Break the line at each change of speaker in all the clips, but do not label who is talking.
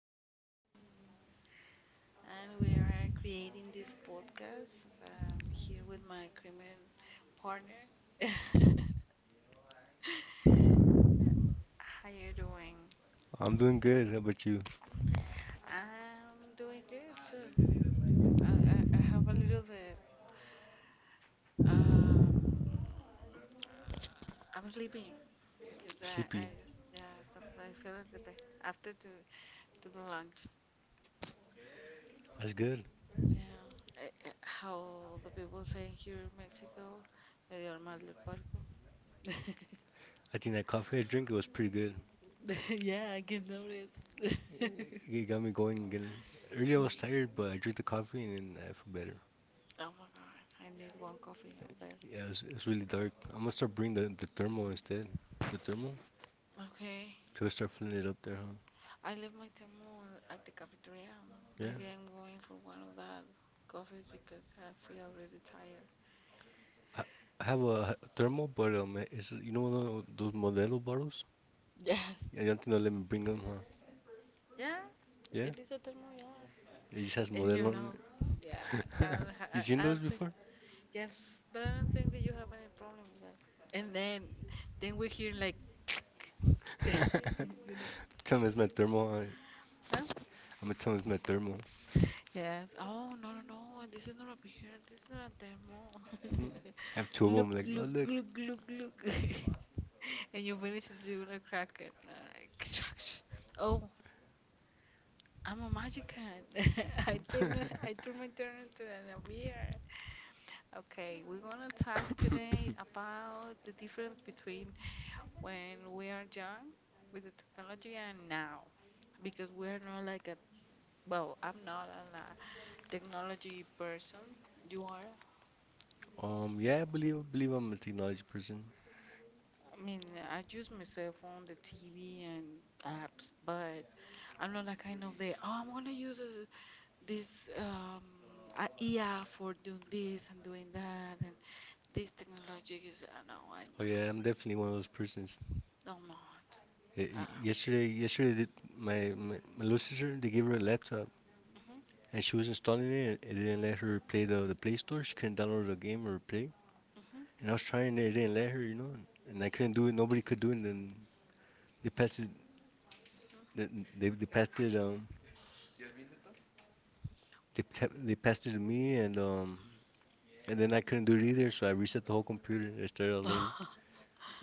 Teresa, and we are creating this podcast here with my criminal partner. How you doing?
I'm doing good. How about you?
I'm doing good too. I have a little bit. Um, I'm sleepy because I,
Sleepy.
I just yeah sometimes I feel a little bit after to the lunch.
That's good.
Yeah, how the people say here in Mexico, medio mal del puerco.
I think that coffee I drank it was pretty good.
Yeah, I can notice.
It got me going again. Earlier I was tired, but I drank the coffee and then I feel better.
Oh my god, I need one coffee of this.
Yeah, it's really dark. I'm gonna start bringing the thermal instead. The thermal?
Okay,
So I start filling it up there, huh?
I left my thermal at the cafeteria.
Yeah.
Maybe I'm going for one of that coffees because I feel really tired.
I, I have a thermal, but it's those Modelo bottles?
Yes,
Yeah, I don't think they'll let me bring them, huh?
yes,
Yeah.
it is a thermal, yeah.
It just has
And
Modelo
you
on
know,
it.
yeah,
You seen
I
those
don't
before?
think, yes, but I don't think that you have any problem with that. And then we hear like, you know,
Tell them it's my thermal.
huh?
I'm gonna tell them it's my thermal.
Yes. Oh, no, no, no. This is not a picture. This is not a demo.
Mhm. Have two of them.
Look,
Like, no,
look,
look.
look, look, look. And you finish it, you're gonna crack it. And I'm like, oh, I'm a magician. I turn it, I turn my turn into a beer. Okay, we're gonna talk today about the difference between when we are young with the technology and now. Because we're not like a, well, I'm not a technology person. You are?
Yeah, I believe I'm a technology person.
I mean, I use my cell phone, the TV, and apps, but I'm not that kind of the, oh, I'm gonna use this, this um, a IA for doing this and doing that, and this technology is, no, I
Oh yeah, I'm definitely one of those persons.
no, I'm not. Uh,
Yesterday, did my, my little sister they gave her a laptop,
mm-hmm, mm-hmm,
and she was installing it and it didn't let her play the Play Store. She couldn't download a game or play.
mm-hmm.
And I was trying it, it didn't let her, you know. And I couldn't do it. Nobody could do it. And then they passed it. They they passed it. They they passed it to me, and. And then I couldn't do it either, so I reset the whole computer and I started all over.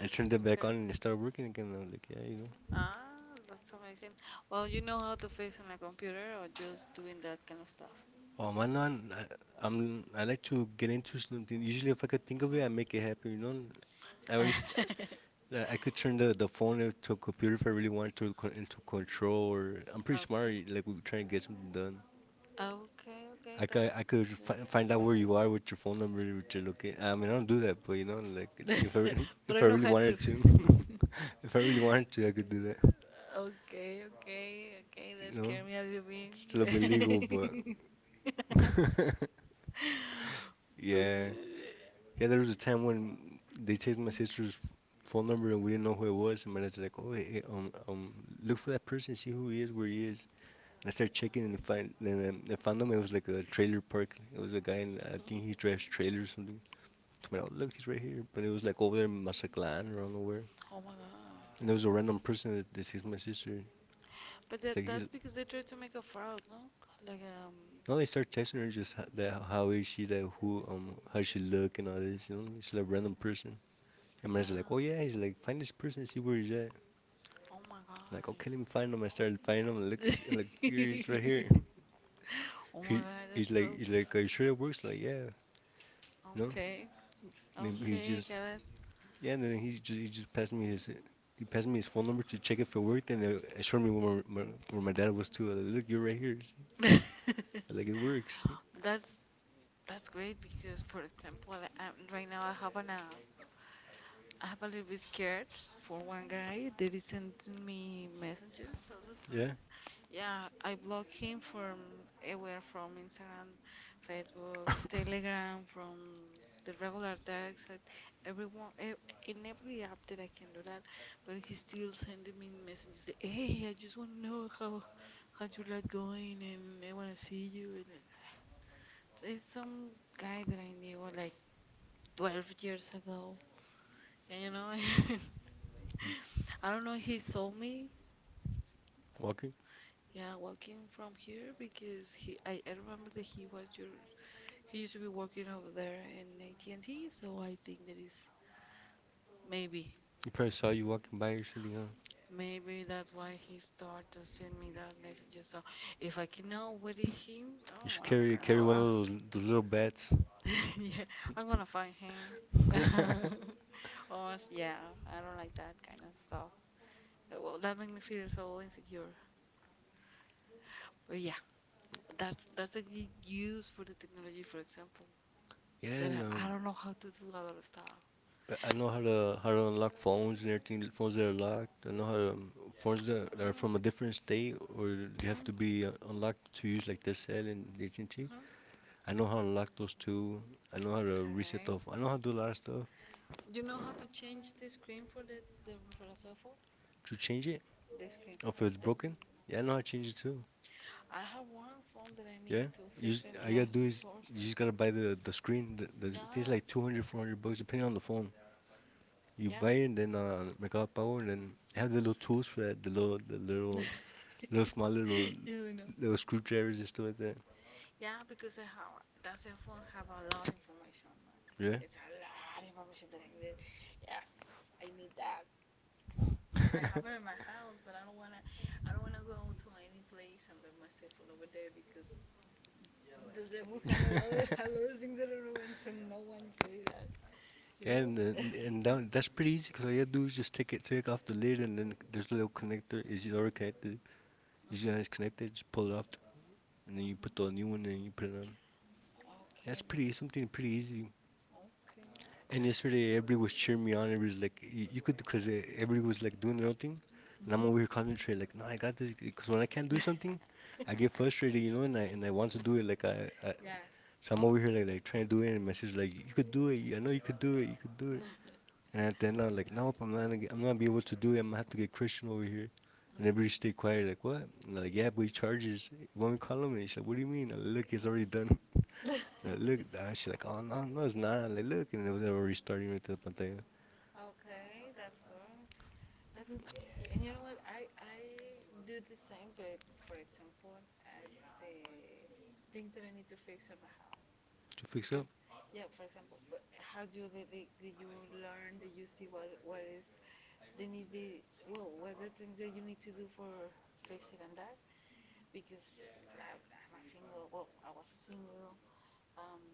I turned it back on
Okay.
and it started working again. I was like, yeah, you know.
Ah, that's amazing. Well, you know how to fix on a computer or just doing that kind of stuff?
Oh man, I'm I like to get into
Mhm.
something. Usually, if I could think of it, I make it happen. You know, I wish I could turn the phone into a computer if I really wanted to into control. Or I'm pretty smart.
Okay.
Like we were trying to get something done.
Okay, okay,
I could
that's
find out where
good.
you are with your phone number, with your location. I mean, I don't do that, but you know, like if I re- if
but
I
I know
really
how
wanted
to.
to, if I really wanted to, I could do that.
Okay, okay, okay,
You
that
know,
scared me a little bit.
it's a little bit illegal, but
but,
yeah. Yeah, there was a time when they chased my
uh,
sister's phone number and we didn't know who it was. And my dad's like, "Oh, hey, look for that person, see who he is, where he is." And I started checking and find and I found him. It was like a trailer park. It was a guy, and I
hmm.
think he dressed trailer or something. So I'm like, "Oh, look, he's right here." But it was like over there in Mazatlan or I don't know where.
Oh my
And there
god.
was a random person that chased my sister.
But
It's like
that
he's,
that's because they tried to make a fraud, no? Like
no, they start texting her just ho- that how is she, that who, how she look and all this. You know, it's like a random person. And my
yeah.
dad's like, "Oh yeah," he's like, "Find this person, see where he's at."
Oh my god.
Like, okay, let me find him. I started finding him. Look, here he's right here.
oh my
He
god,
he's
that's
like
so
are you sure it works? Like, yeah, no.
okay.
And he
Okay, I
just
get
yeah. And then he just passed me his he passed me his phone number to check if it worked, and it showed me where where my dad was too. Like, look, you're right here.
it.
Like, it works.
that's that's great because for example right now I have an I have a little bit scared for one guy that is sending me messages all the
Yeah,
time. Yeah, I block him from everywhere from Instagram, Facebook, Telegram, from the regular text, and everyone, ev- in every app that I can do that. But he's still sending me messages. That, hey, I just want to know how how's your life going, and I want to see you. And so it's some guy that I knew like 12 years ago, and you know. I don't know. He saw me,
walking.
yeah, walking from here because he. I remember that he was your. He used to be working over there in AT&T, so I think that is maybe,
He probably saw you walking by or something, huh?
maybe that's why he started to send me that message. So if I can know what is him,
You
oh,
should
I'm
carry
gonna.
one of those little bats.
Yeah, I'm gonna find him. Oh, yeah, I don't like that kind of stuff. Well, that makes me feel so insecure. But yeah. That's a good use for the technology, for example.
Yeah,
But
and
I don't know how to do a lot of stuff.
I know how to unlock phones and everything. Phones that are locked. I know how to phones that are from a different
Mm.
state or they have to
Mhm.
be unlocked to use, like they said in AT&T.
Mhm.
I know how to unlock those too. I know how to reset the.
Okay.
I know how to do a lot of stuff
You know how to change the screen for the for a cell phone?
to change it.
The screen.
Or if it's
The-
broken, yeah, I know how to change it too.
I have one phone that I
Yeah,
need to
you just,
fix it.
all you gotta do
Yes, of
is
course.
you just gotta buy the screen. The thing's like 200, $400 depending on the phone. You
Yeah.
buy it and then Mercado Pago and then they have the little tools for that. The
Yes.
little little small little
you know.
those screwdrivers and stuff like that.
Yeah, because I have that cell phone have a lot of information, man.
Yeah.
It's a lot of information that I need. Yes, I need that phone, and I have it in my house. But I don't wanna go to any place and leave my cell phone over there because the cell phone had a lot of things that I don't want to no one say that, you
And
know.
that, that's pretty easy because all you do is just take it, take off the lid, and then there's a little connector. Is it already connected? Usually when it's connected, just pull it off,
Mhm.
and then
Uh
you put the new
huh.
one and you put it on.
Okay.
That's pretty
Because
something pretty easy. And
okay.
yesterday, everybody was cheering me on. Everybody was like, You could," because everybody was like doing their own thing, and
Mhm.
I'm over here concentrating. Like, no, I got this. Because when I can't do something, I get frustrated, you know, and I want to do it. Like I
Yes.
so I'm over here like trying to do it and my sister's like you could do it, I know you could do it, you could do it.
Mhm.
And at the end I'm like, nope, I'm not gonna be able to do it, I'm gonna have to get Christian over here. And everybody stay quiet, like what? And they're like, yeah, but he charges. When we call him and she's like, what do you mean? I'm like, look, it's already done. And I look she's like, oh no, no it's not. I'm like look, and it was already starting right to the pantalla.
Okay, that's good. That's good. And you know what? I do the same, but for example, at the things that I need to fix in my house.
To fix up,
Because, yeah, for example, but how do did you learn? Did you see what is the need? The, well, what the things that you need to do for fixing and that? Because I'm a single. Well, I was a single. Um,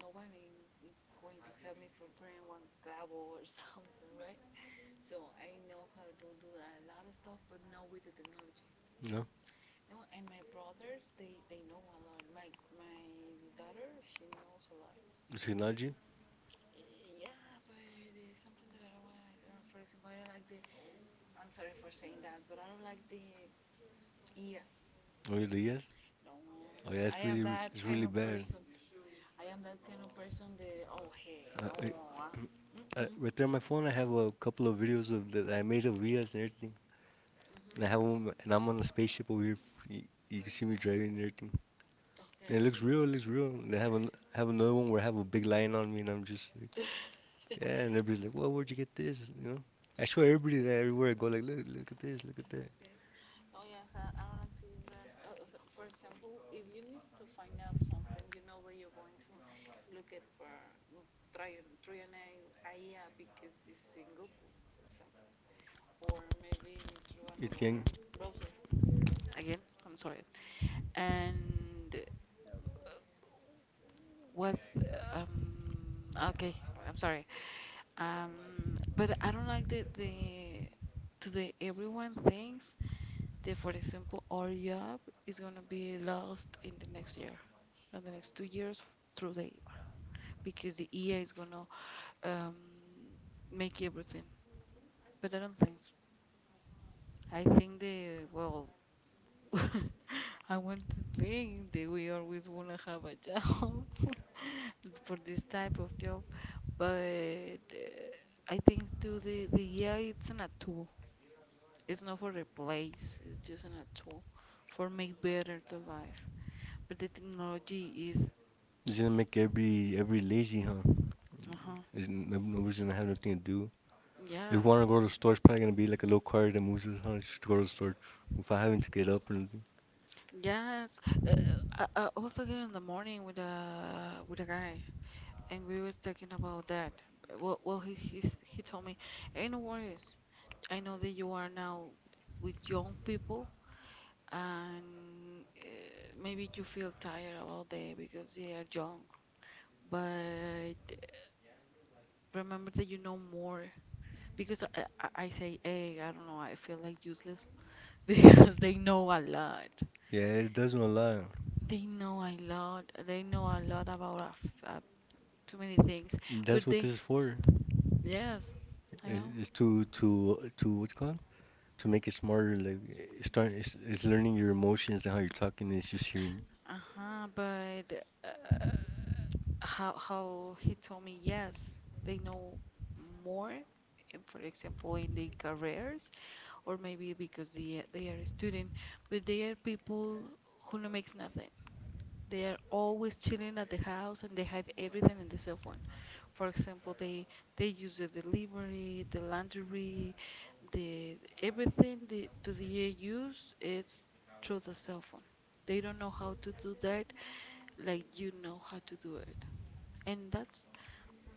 no one in- is going to help me for praying one clavo or something, right? So I know how to do a lot of stuff, but not with the technology.
you know?
No, and my brothers, they know a lot. My daughter, she knows a lot.
The technology.
Yeah, but it's something that I don't want. I don't know. For example, I don't like the. I'm sorry for saying that, but I don't like the ears.
Oh yeah, yes.
No,
Oh yeah,
I am that
it's
kind
really
of
bad.
person. I am that kind of person. The oh hey,
Uh,
no,
I,
mm-mm.
right there on my phone I have a couple of videos of that I made of Vias and everything. And I have one, and
Mhm.
I'm on a spaceship over here. You, you can see me driving and everything. And it
Okay.
looks real. It looks real. And have another one where I have a big lion on me, and I'm just like, yeah. And everybody's like, well, where'd you get this? You know. I show everybody that everywhere I go. Like, look, look at this, look at that.
okay. Oh yes, I don't like to use that. Oh, so for example, if you need to find out something, you know that you're going to look it for Triana Aia because it's in Google, for example, or maybe through
You
another
think
browser. Again, I'm sorry. And what? Okay, I'm sorry. But I don't like the today everyone thinks the for example our job is gonna be lost in the next year in the next 2 years through the AI because the AI is gonna um, make everything but I don't think so. I think the well I want to think that we always wanna have a job for this type of job but I think too the AI it's not a tool it's not for replace it's just an a tool for make better the life. But the technology is,
it's gonna make every lazy, huh?
uh-huh,
Is nobody's gonna have nothing to do. If you
yes.
wanna go to the store, it's probably gonna be like a little car that moves us, huh? Just to go to the store without having to get up and everything.
Yes, uh, I I was talking in the morning with a guy, and we was talking about that. He told me, "Hey, no worries. I know that you are now with young people, and maybe you feel tired about that because they are young. But remember that you know more. Because I say, hey, I don't know. I feel like useless. because they know a lot.
Yeah, it doesn't a lot.
They know a lot. They know a lot about a too many things.
That's
But
what
they,
this is for.
yes, I
Is
know.
is to what's it called to make it smarter. Like it start is learning your emotions and how you're talking. And it's just hearing.
Uh-huh, but uh, how he told me yes, they know more. For example, in their careers, or maybe because they are a student, but they are people who no makes nothing. They are always chilling at the house and they have everything in the cell phone. For example, they use the delivery, the laundry, the everything they do they use is through the cell phone. They don't know how to do that like you know how to do it. And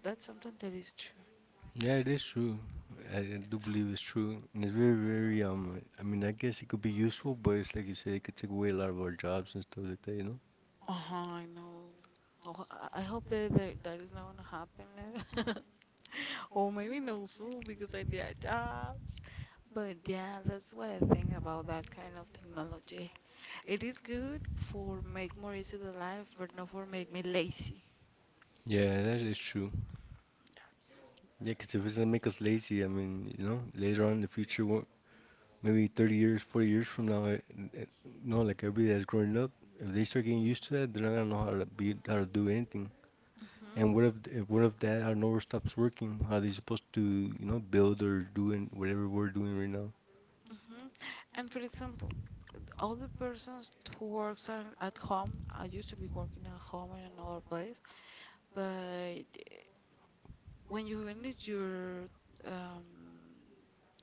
that's something that is true.
Yeah, it is true. I do believe it's true, and it's very I mean, I guess it could be useful, but it's like you said, it could take away a lot of our jobs and stuff like that. You know.
Uh-huh, I know. Oh, I hope that that is not gonna happen. Or maybe no soon because I did jobs. But yeah, that's what I think about that kind of technology. It is good for make more easy the life, but not for make me lazy.
Yeah, that is true.
Yes.
Yeah, 'cause if it's gonna make us lazy, I mean, you know, later on in the future, maybe 30 years, 40 years from now, you know, like everybody that's growing up, if they start getting
Mhm.
used to that, they're not gonna know how to be how to do anything.
Mhm.
And what if what if that our network stops working? How are they supposed to you know build or doing whatever we're doing right now?
Mhm. And for example, all the persons who works on, at home, I used to be working at home in another place, but when you finish your um,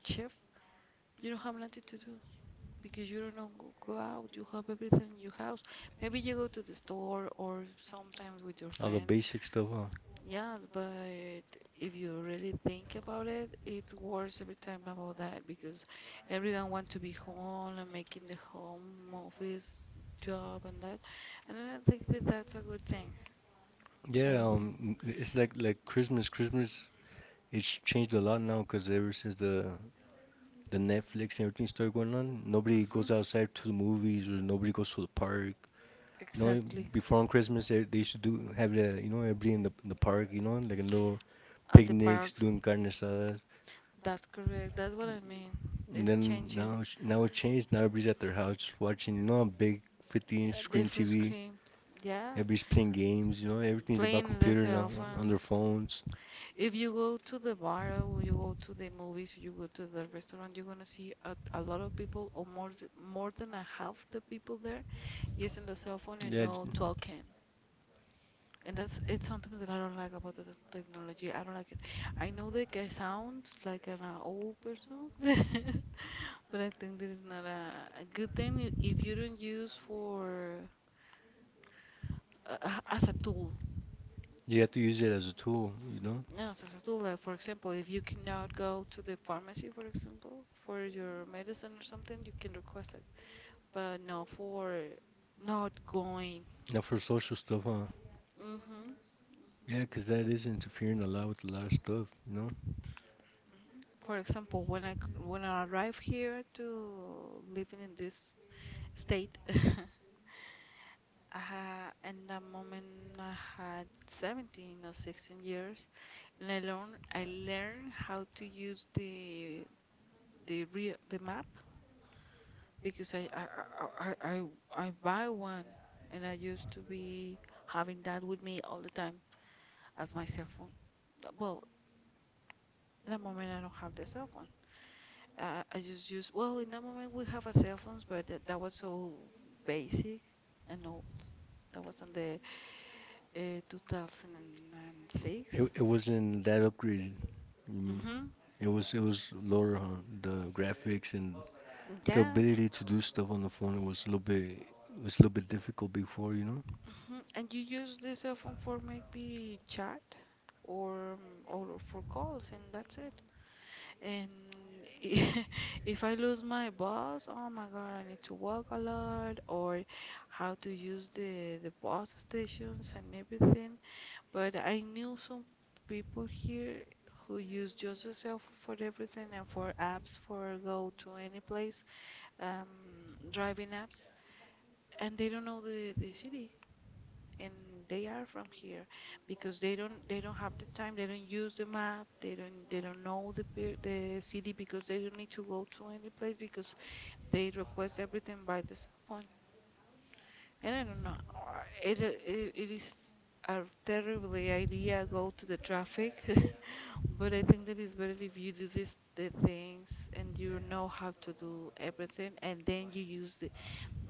shift, you don't have nothing to do because you don't know, go go out. You have everything in your house. Maybe you go to the store or sometimes with your
All the
friends.
basic stuff, huh?
Yes, but if you really think about it, it's worse every time about that because everyone want to be home and making the home office job and that, and I don't think that that's a good thing. I
Yeah,
don't think.
it's like Christmas. Christmas it's changed a lot now because ever since the Netflix and everything started going on, nobody
Hmm.
goes outside to the movies or nobody goes to the park. You know,
Exactly.
before on Christmas they used to do have the you know everybody in the park. You know, like a little
At the
picnics,
parks.
doing carne asadas.
That's correct. That's what I mean.
And
It's
then
changing.
now, now it changed. Now everybody's at their house just watching, you know, a big 15 inch
A
screen
different
TV.
screen. Yes.
Everybody's playing games, you know, everything's about
Playing the
computer now
cell
on their
phones.
phones.
If you go to the bar or you go to the movies, you go to the restaurant, you're gonna see a lot of people or more than a half the people there using the cell phone and
Yeah,
no talking. And that's it's something that I don't like about the technology. I don't like it. I know that I sound like an old person, but I think that is not a good thing if you don't use for as a tool.
you have to use it as a tool, you know,
No, as a tool. Like for example, if you cannot go to the pharmacy, for example, for your medicine or something, you can request it. But no, for not going.
not for social stuff, huh?
Mhm.
Yeah,
Mhm.
'cause that is interfering a lot with a lot of stuff, you know.
For example, when when I arrived here to living in this state, I ha in that moment I had 17 or 16 years, and I learned how to use the real the map because I buy one and I used to be having that with me all the time as my cell phone. Well, in that moment I don't have the cell phone. I just use, well, in that moment we have a cell phones, but that was so basic and old. That was on the
It
2006.
it wasn't that upgraded. I mean,
Mm-hmm.
it was lower, huh? The graphics and the
Yes.
ability to do stuff on the phone was a little bit was a little bit difficult before, you know.
And you use the cell phone for maybe chat or or for calls, and that's it. And if I lose my boss, oh my God, I need to walk a lot or how to use the bus stations and everything. But I knew some people here who use just the cell phone for everything and for apps for go to any place, driving apps, and they don't know the city and they are from here because they don't have the time, they don't use the map, they don't know the city because they don't need to go to any place because they request everything by the cell phone. And I don't know. It it is a terrible idea go to the traffic. But I think that it's better if you do this the things and you know how to do everything and then you use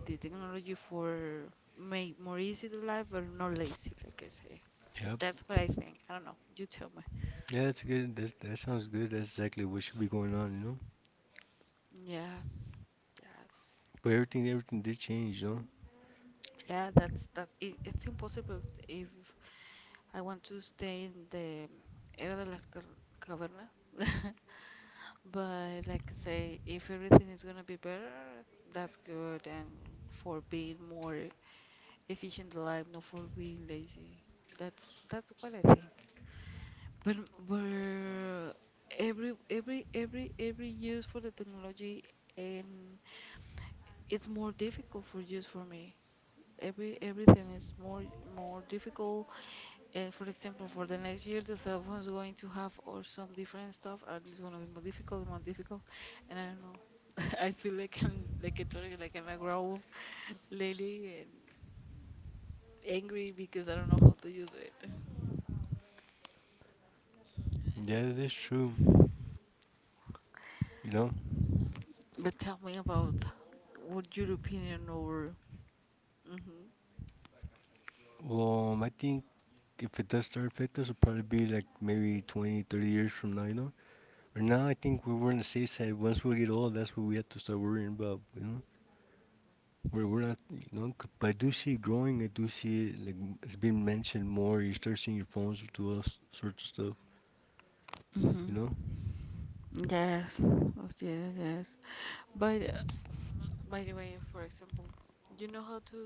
the technology for make more easy the life, but not lazy, like I say.
Yep.
That's what I think. I don't know. You tell me.
Yeah, that's good. That sounds good. That's exactly what should be going on, you know.
Yes, yes.
But everything did change, you know.
Yeah, that's it, it's impossible if I want to stay in the era de las cavernas. But like I say, if everything is gonna be better, that's good. And for being more efficient in life, not for being lazy. That's what I think. But but every every use for the technology, and it's more difficult for just for me. Everything is more difficult. For example, for the next year, the cell phone is going to have or some different stuff, and it's gonna be more difficult. And I don't know. I feel like I told you, like I'm a grown up lady and angry because I don't know how to use it.
Yeah, that is true. You know.
But tell me about what your opinion over. hmm
I think if it does start to affect us, it'll probably be like maybe 20, 30 years from now, you know. Right now, I think we were on the safe side. Once we get old, that's what we have to start worrying about, you know. We're not, you know. 'Cause but I do see it growing. I do see it like it's being mentioned more. You start seeing your phones do all sorts of stuff,
hmm
you know.
Yes, yes. But by the way, for example, you know how to,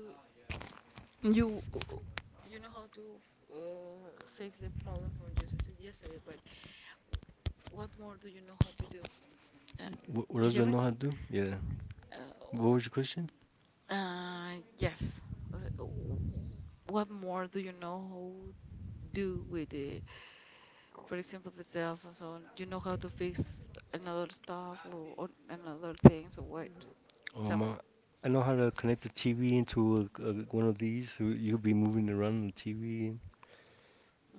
You you know how to uh, fix the problem from just yesterday, but what more do you know how to do? Uh,
What
do you
else do
hear
I
me?
know how to do? Yeah. What was your question?
Uh, yes. Uh, w- What more do you know how do with the, for example, the cell phone? So on? You know how to fix another stuff, or another thing. So what? Tell
Um,
me.
uh, I know how to connect the TV into one of these, so you'll be moving around the TV.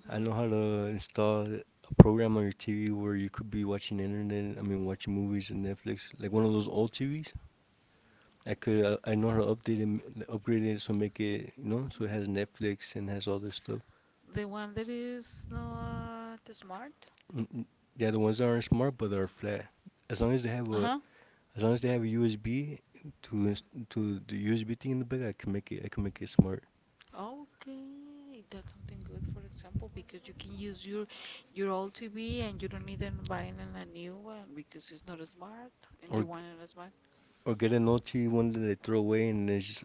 I know how to install a program on your TV where you could be watching internet. I mean, watching movies and Netflix, like one of those old TVs. I could, I know how to update it, upgrade it, so make it, you know, so it has
Hmm.
Netflix and has all this stuff.
The one that is not smart?
Mm, mm. Yeah, the ones that aren't smart but are flat. As long as they have
Uh-huh.
as long as they have a USB to
Mhm.
ins- to the USB thing in the back, I can make it. I can make it smart.
Okay, that's something good, for example, because you can use your old TV and you don't need to buy a new one because it's not smart and
Or
you want it smart.
Or get an TV one that they throw away and then just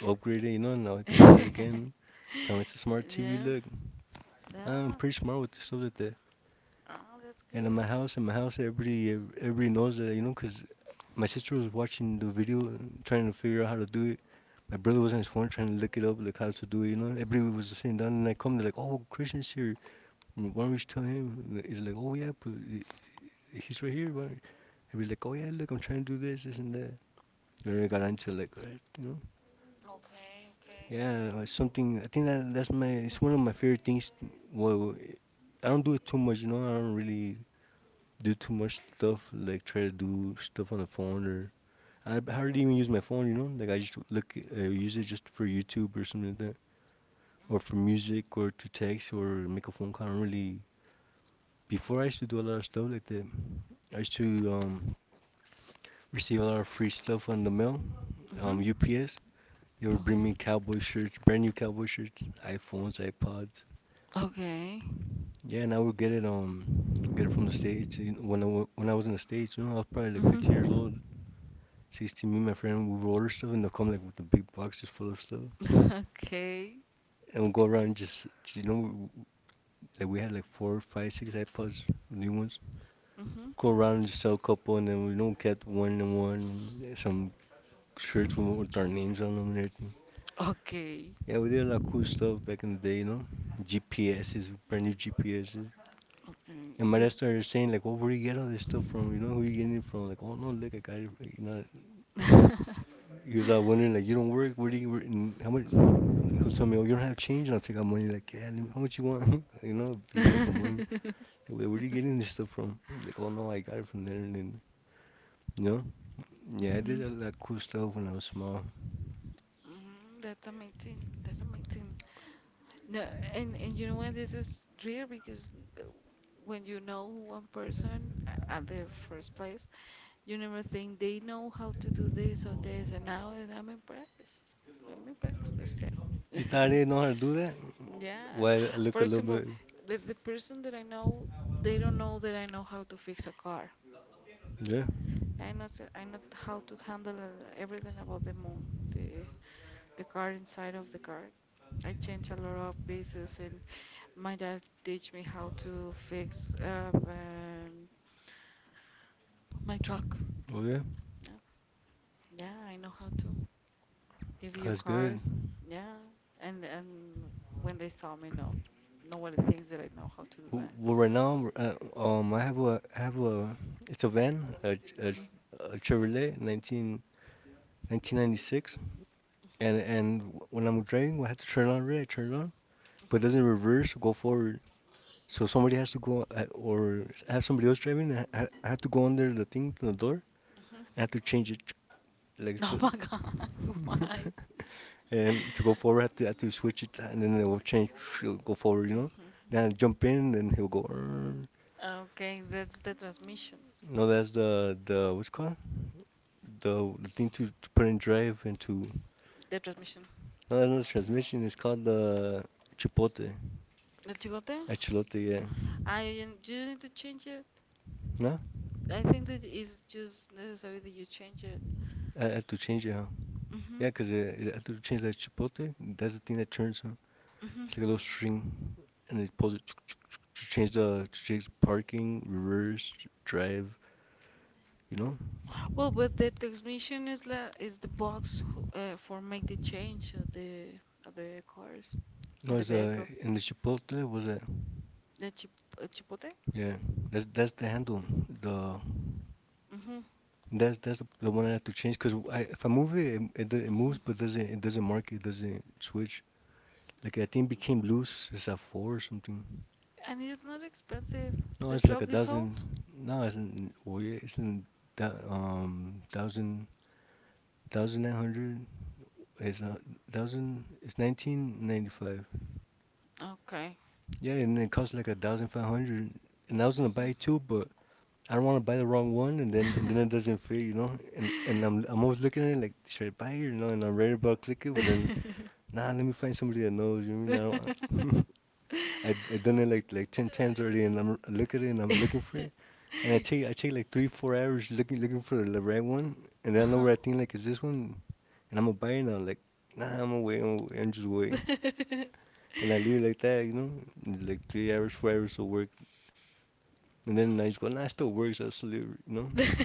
upgrade it, you know, and I can sell it again. Tell me it's a smart TV.
Yes.
Look, I'm
Yeah.
pretty smart with stuff like that.
Oh, that's
And in my
good.
house, in my house, everybody knows that, you know, 'cause my sister was watching the video and trying to figure out how to do it. My brother was on his phone trying to look it up, like how to do it, you know. Everybody was sitting down, and I come, they're like, "Oh, Christian's here. Why don't we just tell him?" And he's like, "Oh yeah, but he's right here. Why don't—" Everybody's like, "Oh yeah, look, I'm trying to do this, this and that." Then we got into like, uh, you know.
Okay, okay.
Yeah, like something. I think that that's my. It's one of my favorite things. Well, I don't do it too much. You know, I don't really do too much stuff, like try to do stuff on the phone, or I hardly even use my phone. You know, like I just look, use it just for YouTube or something like that, or for music or to text or make a phone call. I don't really. Before I used to do a lot of stuff like that. I used to um receive a lot of free stuff on the mail,
Mhm. Mm-hmm.
UPS. They would bring me cowboy shirts, brand new cowboy shirts, iPhones, iPods.
Okay. Okay.
Yeah, and I would get it from the States. You know, when I was in the States, you know, I was probably like 15 years
Mm-hmm.
old, 16. Me and my friend, we would order stuff, and they'll come like with the big box just full of stuff,
Okay.
and we'll go around,
Okay.
and just you know like we had like four, five, six iPods, new ones.
Mm-hmm.
Go around and just sell a couple, and then we you know get one and one, and some shirts with our names on them and everything.
Okay.
Yeah, we did a lot of cool stuff back in the day, you know. GPSs, brand new GPSs. And my
Okay.
dad started saying like, "Well, where do you get all this stuff from? You know, who you getting it from?" Like, "Oh no, look, I got it." You know,
The-
he was out wondering like, "You don't work? Where do you work? And how much?" He'll tell me, "Oh, you don't have change?" And I'll take out money. Like, "Yeah, let me, how much you want?" You know, please take the money. Like, where are you getting this stuff from?" Like, "Oh no, I got it from there." And then, you know, yeah, I
Mhm.
did a lot of cool stuff when I was small.
Mhm, that's amazing. That's amazing. No, and you know what? This is rare because uh, when you know one person at their first place, you never think they know how to do this or this. And now that I'm impressed. I'm impressed, Christian.
You thought I didn't know how to do that?
Yes.
Well, I look
For
a little
example,
bit.
the person that I know, they don't know that I know how to fix a car.
Yeah.
I know how to handle everything about the moon, the car inside of the car. I change a lot of pieces, and my dad teach me how to fix my truck.
Oh yeah,
Yeah, yeah, I know how to. If you
that's good.
cars, yeah, and when they saw me, no, nobody thinks that I know how to do that.
Well, right now, I have a, it's a van, a Chevrolet 19, 1996,
Mhm,
and when I'm driving, I have to turn on red, I turn it on, but it doesn't
mhm,
reverse or go forward. So somebody has to go, have somebody else driving, and I have to go under the thing, the door.
mhm.
I have to change it, like
Oh
so,
my God, why?
and to go forward, I have to switch it, and then it will change, it'll go forward, you know.
Mhm.
Then I jump in, and he'll go, "Err."
Okay, that's the transmission.
No, that's the what's it called the thing to put in drive and to
The transmission.
no, that's not the transmission. It's called the chipote,
El chicote?
echelote. Yeah,
I You you need to change it.
no,
I think that it's just necessary that you change it.
I had to change it. Huh?
Mhm.
Yeah, because I had to change that chipote. That's the thing that turns. Huh?
Mhm.
It's like a little string, and it pulls it to change the to change parking, reverse, drive. You know,
Well, but the transmission is la is the box for make the change of the cars
no,
and the
it's
vehicles.
in the chipotle was that
The chipote.
yeah. That's the handle. The
Mhm.
that's the one I have to change because I, if I move it, it
Mhm.
moves,
Mhm.
but doesn't it doesn't mark it, doesn't switch. Like I think became loose. It's a four or something.
And it's not expensive.
No,
The
it's like a
truck is
dozen.
old.
No, it's n- well, yeah, it's in that thousand nine hundred. It's a thousand. It's 1995.
Okay.
Yeah, and it costs like 1,500. And I was gonna buy
Mhm.
two, but I don't want to buy the wrong one, and then it doesn't fit, you know. And I'm always looking at it like should I buy it, you know? And I'm right about to click it, but then nah, let me find somebody that knows. You know what I mean? I don't. I done it like 10 times already, and I'm I look at it and I'm looking for it. And I take like 3 or 4 hours looking for the right one, and then I know where
Uh-huh.
I think like is this one, and I'ma buy it. And I'm like, nah, I'm gonna wait, I'm just waiting. And I leave it like that, you know, and like 3 hours, 4 hours of work, and then I just go, nah, it still works, I still leave, it," you know.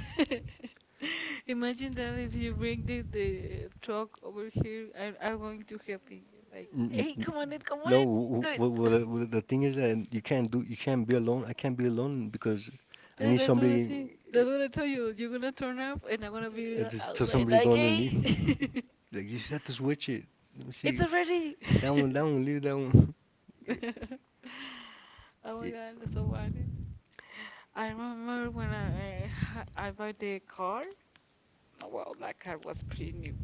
Imagine that if you bring the truck over here, I, I'm going to help you. Like,
Mm, mm,
hey,
mm.
come on
No,
it, do
well,
it.
the, the thing is that you can't do, you can't be alone. I can't be alone because I
Yeah,
need
that's what
somebody
I say.
that's
That's what I tell you. You're gonna turn up, and I'm gonna be
to like,
outside
somebody like, go
like, hey,
underneath. Like, you just have to switch it. Let me it's
it's
see.
already.
Down, down, leave down. Y-
Oh my god, that's so funny. I remember when I bought the car. No, well, that car was pretty new,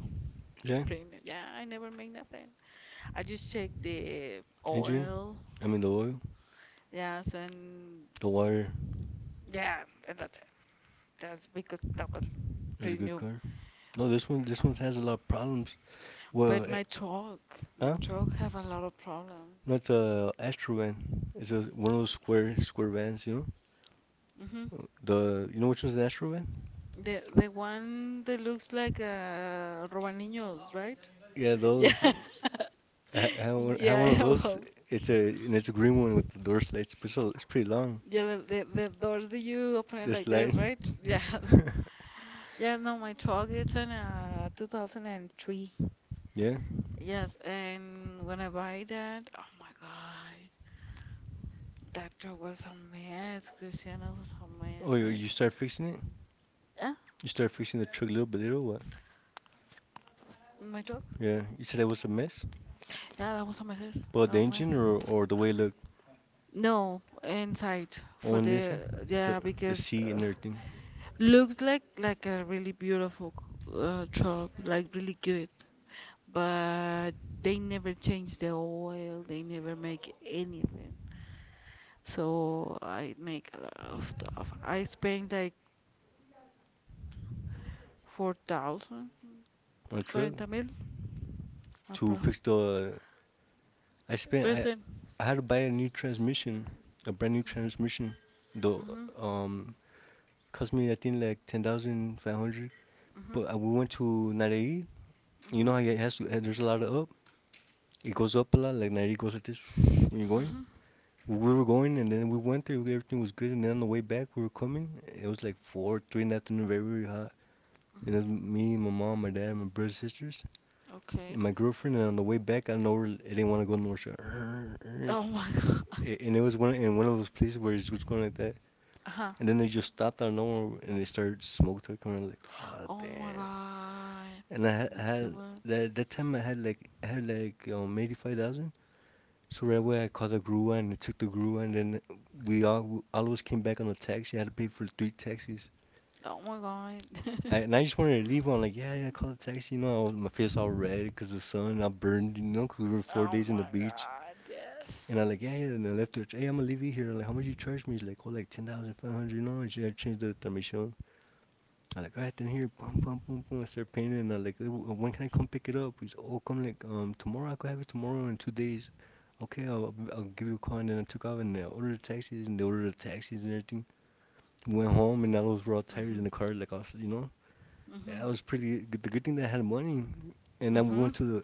Yeah,
pretty new. Yeah, I never made nothing. I just checked the
engine.
oil.
I mean, the oil.
Yes, and
The wire.
yeah, and that's it. That's because that was
Is a
pretty
good
new.
car. No, this one
Um,
has a lot of problems.
But
Well, eh,
my
huh?
truck have a lot of problems.
Not the Astro van. It's a, one of those square vans, you know?
Hmm.
The you know which one's an Astro van?
The one that looks like a Robaniños, right?
Yeah,
Yeah.
those. I have
Yeah, I
one of
know.
those.
Well,
It's a and it's a green one with the door slide. It's pretty long.
yeah, the doors that you open it
The
like this,
slide.
right? Yes. Yeah, no, my truck it's in 2003.
Yeah.
Yes, and when I buy that, oh my God, that truck was a mess, Cristiano was a
Oh,
mess.
you, you start fixing it.
Yeah,
You start fixing the truck little by little. What?
my truck.
Yeah. You said that was a mess.
Yeah, that was on my sis.
But the engine or the way it looked
No, inside for
on this inside,
the,
the
yeah,
the
because
seat and everything
looks like a really beautiful truck, like really good, but they never change the oil. They never make anything. So I make a lot of stuff. I spend like 4,000,
on the truck
cuarenta mil,
to fix
approx.
the. I spent
Everything.
I had to buy a new transmission, a brand new transmission. The
Mm-hmm,
um cost me I think like 10,500.
mm-hmm.
But we went to Narei. You know
Mhm.
how it has to, there's a lot of up. It goes up a lot, like Narei goes like this when you're going.
Mhm.
We were going and then we went there, everything was good. And then on the way back, we were coming. It was like 4, 3 in the afternoon, very, very hot. And it was
Mhm.
me, my mom, my dad, my brothers, sisters, and
Okay.
my girlfriend. And on the way back, I didn't want to go north, so,
Oh my god.
and it was one in one of those places where it was going like that.
Uh-huh.
And then they just stopped out of nowhere, and they started smoke coming. I was like, ah,
Oh my
damn.
god.
And
That's too
had
bad.
that that time I had like 85,000. So right away I called the
Mhm.
grua, and I took the grua, and then we all of us came back on the taxi. I had to pay for 3 taxis.
Oh my god.
I, and I just wanted to leave. I'm like, yeah, yeah, I called the taxi. You know, I was, my face all red because the sun. I burned, you know, 'cause we were four
Oh
days in the
my
beach.
god. Yes.
And I'm like, yeah, yeah. And I left her. Hey, I'm gonna leave you here. I'm like, how much you charge me? He's like, oh, like 10,500. You know, and she had changed the thermation. I'm like, alright, then here, boom, boom, boom, boom. I start painting, and I'm like, when can I come pick it up? He's, oh, come like tomorrow. I could have it tomorrow in 2 days. Okay, I'll give you a call. And then I took off, and I ordered the taxis, and they ordered the taxis and everything. Went home, and I was real tired
Mhm.
in the car. Like I was, you know, I
Mhm.
was pretty. The good thing that I had money, and then we
Mm-hmm.
went to the,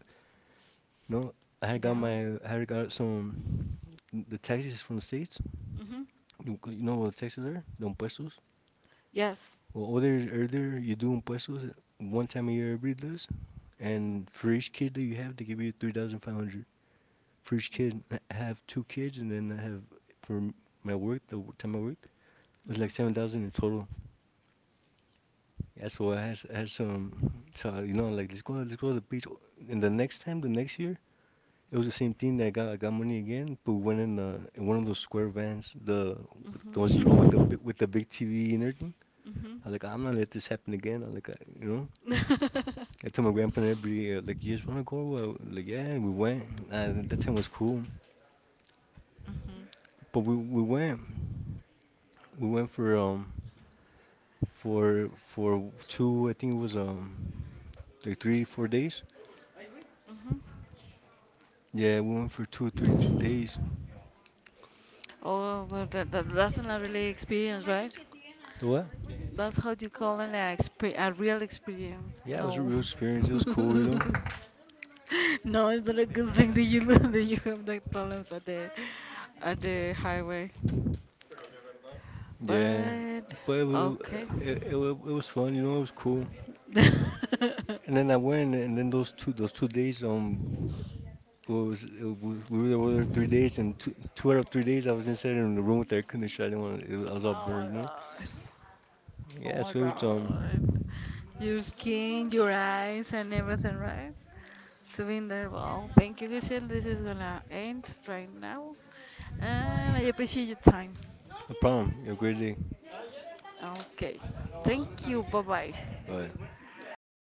you know,
Yeah.
I had got some the taxis from the states.
Mm-hmm.
You know what the taxes are? The impuestos.
Yes.
Well, over there earlier, you do impuestos 1 time a year. Everybody does. And for
Mm-hmm.
each kid that you have, they give you 3,500. For each kid, I have 2 kids, and then I have for my work, the time I worked, it was like seven
Mm-hmm.
thousand in total. Yeah, so I had, I had some, so you know, like let's go to the beach. And the next time, the next year, it was the same thing. That I got money again, but we went in the in one of those square vans, the ones
Mm-hmm.
you go
Mhm.
with the big TV and everything. I like, I'm not let this happen again. I like, I, you know,
Mhm.
I told my grandpa and everybody, like, you just wanna go? Like, yeah, and we went. And that time was cool.
Mhm.
But we went for for two I think it was like 3 or 4 days.
Mhm.
Yeah, we went for 2 or 3 days.
Oh, well, that, that that's not really experience, right?
The what?
That's how you call an exp a real experience.
Yeah, it was a
No.
real experience. It was cool, you know.
No, it's not a good thing that you that you have that problems at the highway.
Yeah,
But
but it was,
okay.
it was fun, you know. It was cool. And then I went, and then those 2 days what was it, we were there 3 days, and two out of 3 days I was inside in the room with the air conditioner. I didn't want to, I was all
Oh my
burned, you know.
god. Oh
Yeah,
my
so it was
god. Your skin, your eyes, and everything, right? To be in there. Well, thank you, Giselle. This is gonna end right now. And I appreciate your time.
no problem. It was a great day,
Okay. Thank you. Bye bye.
but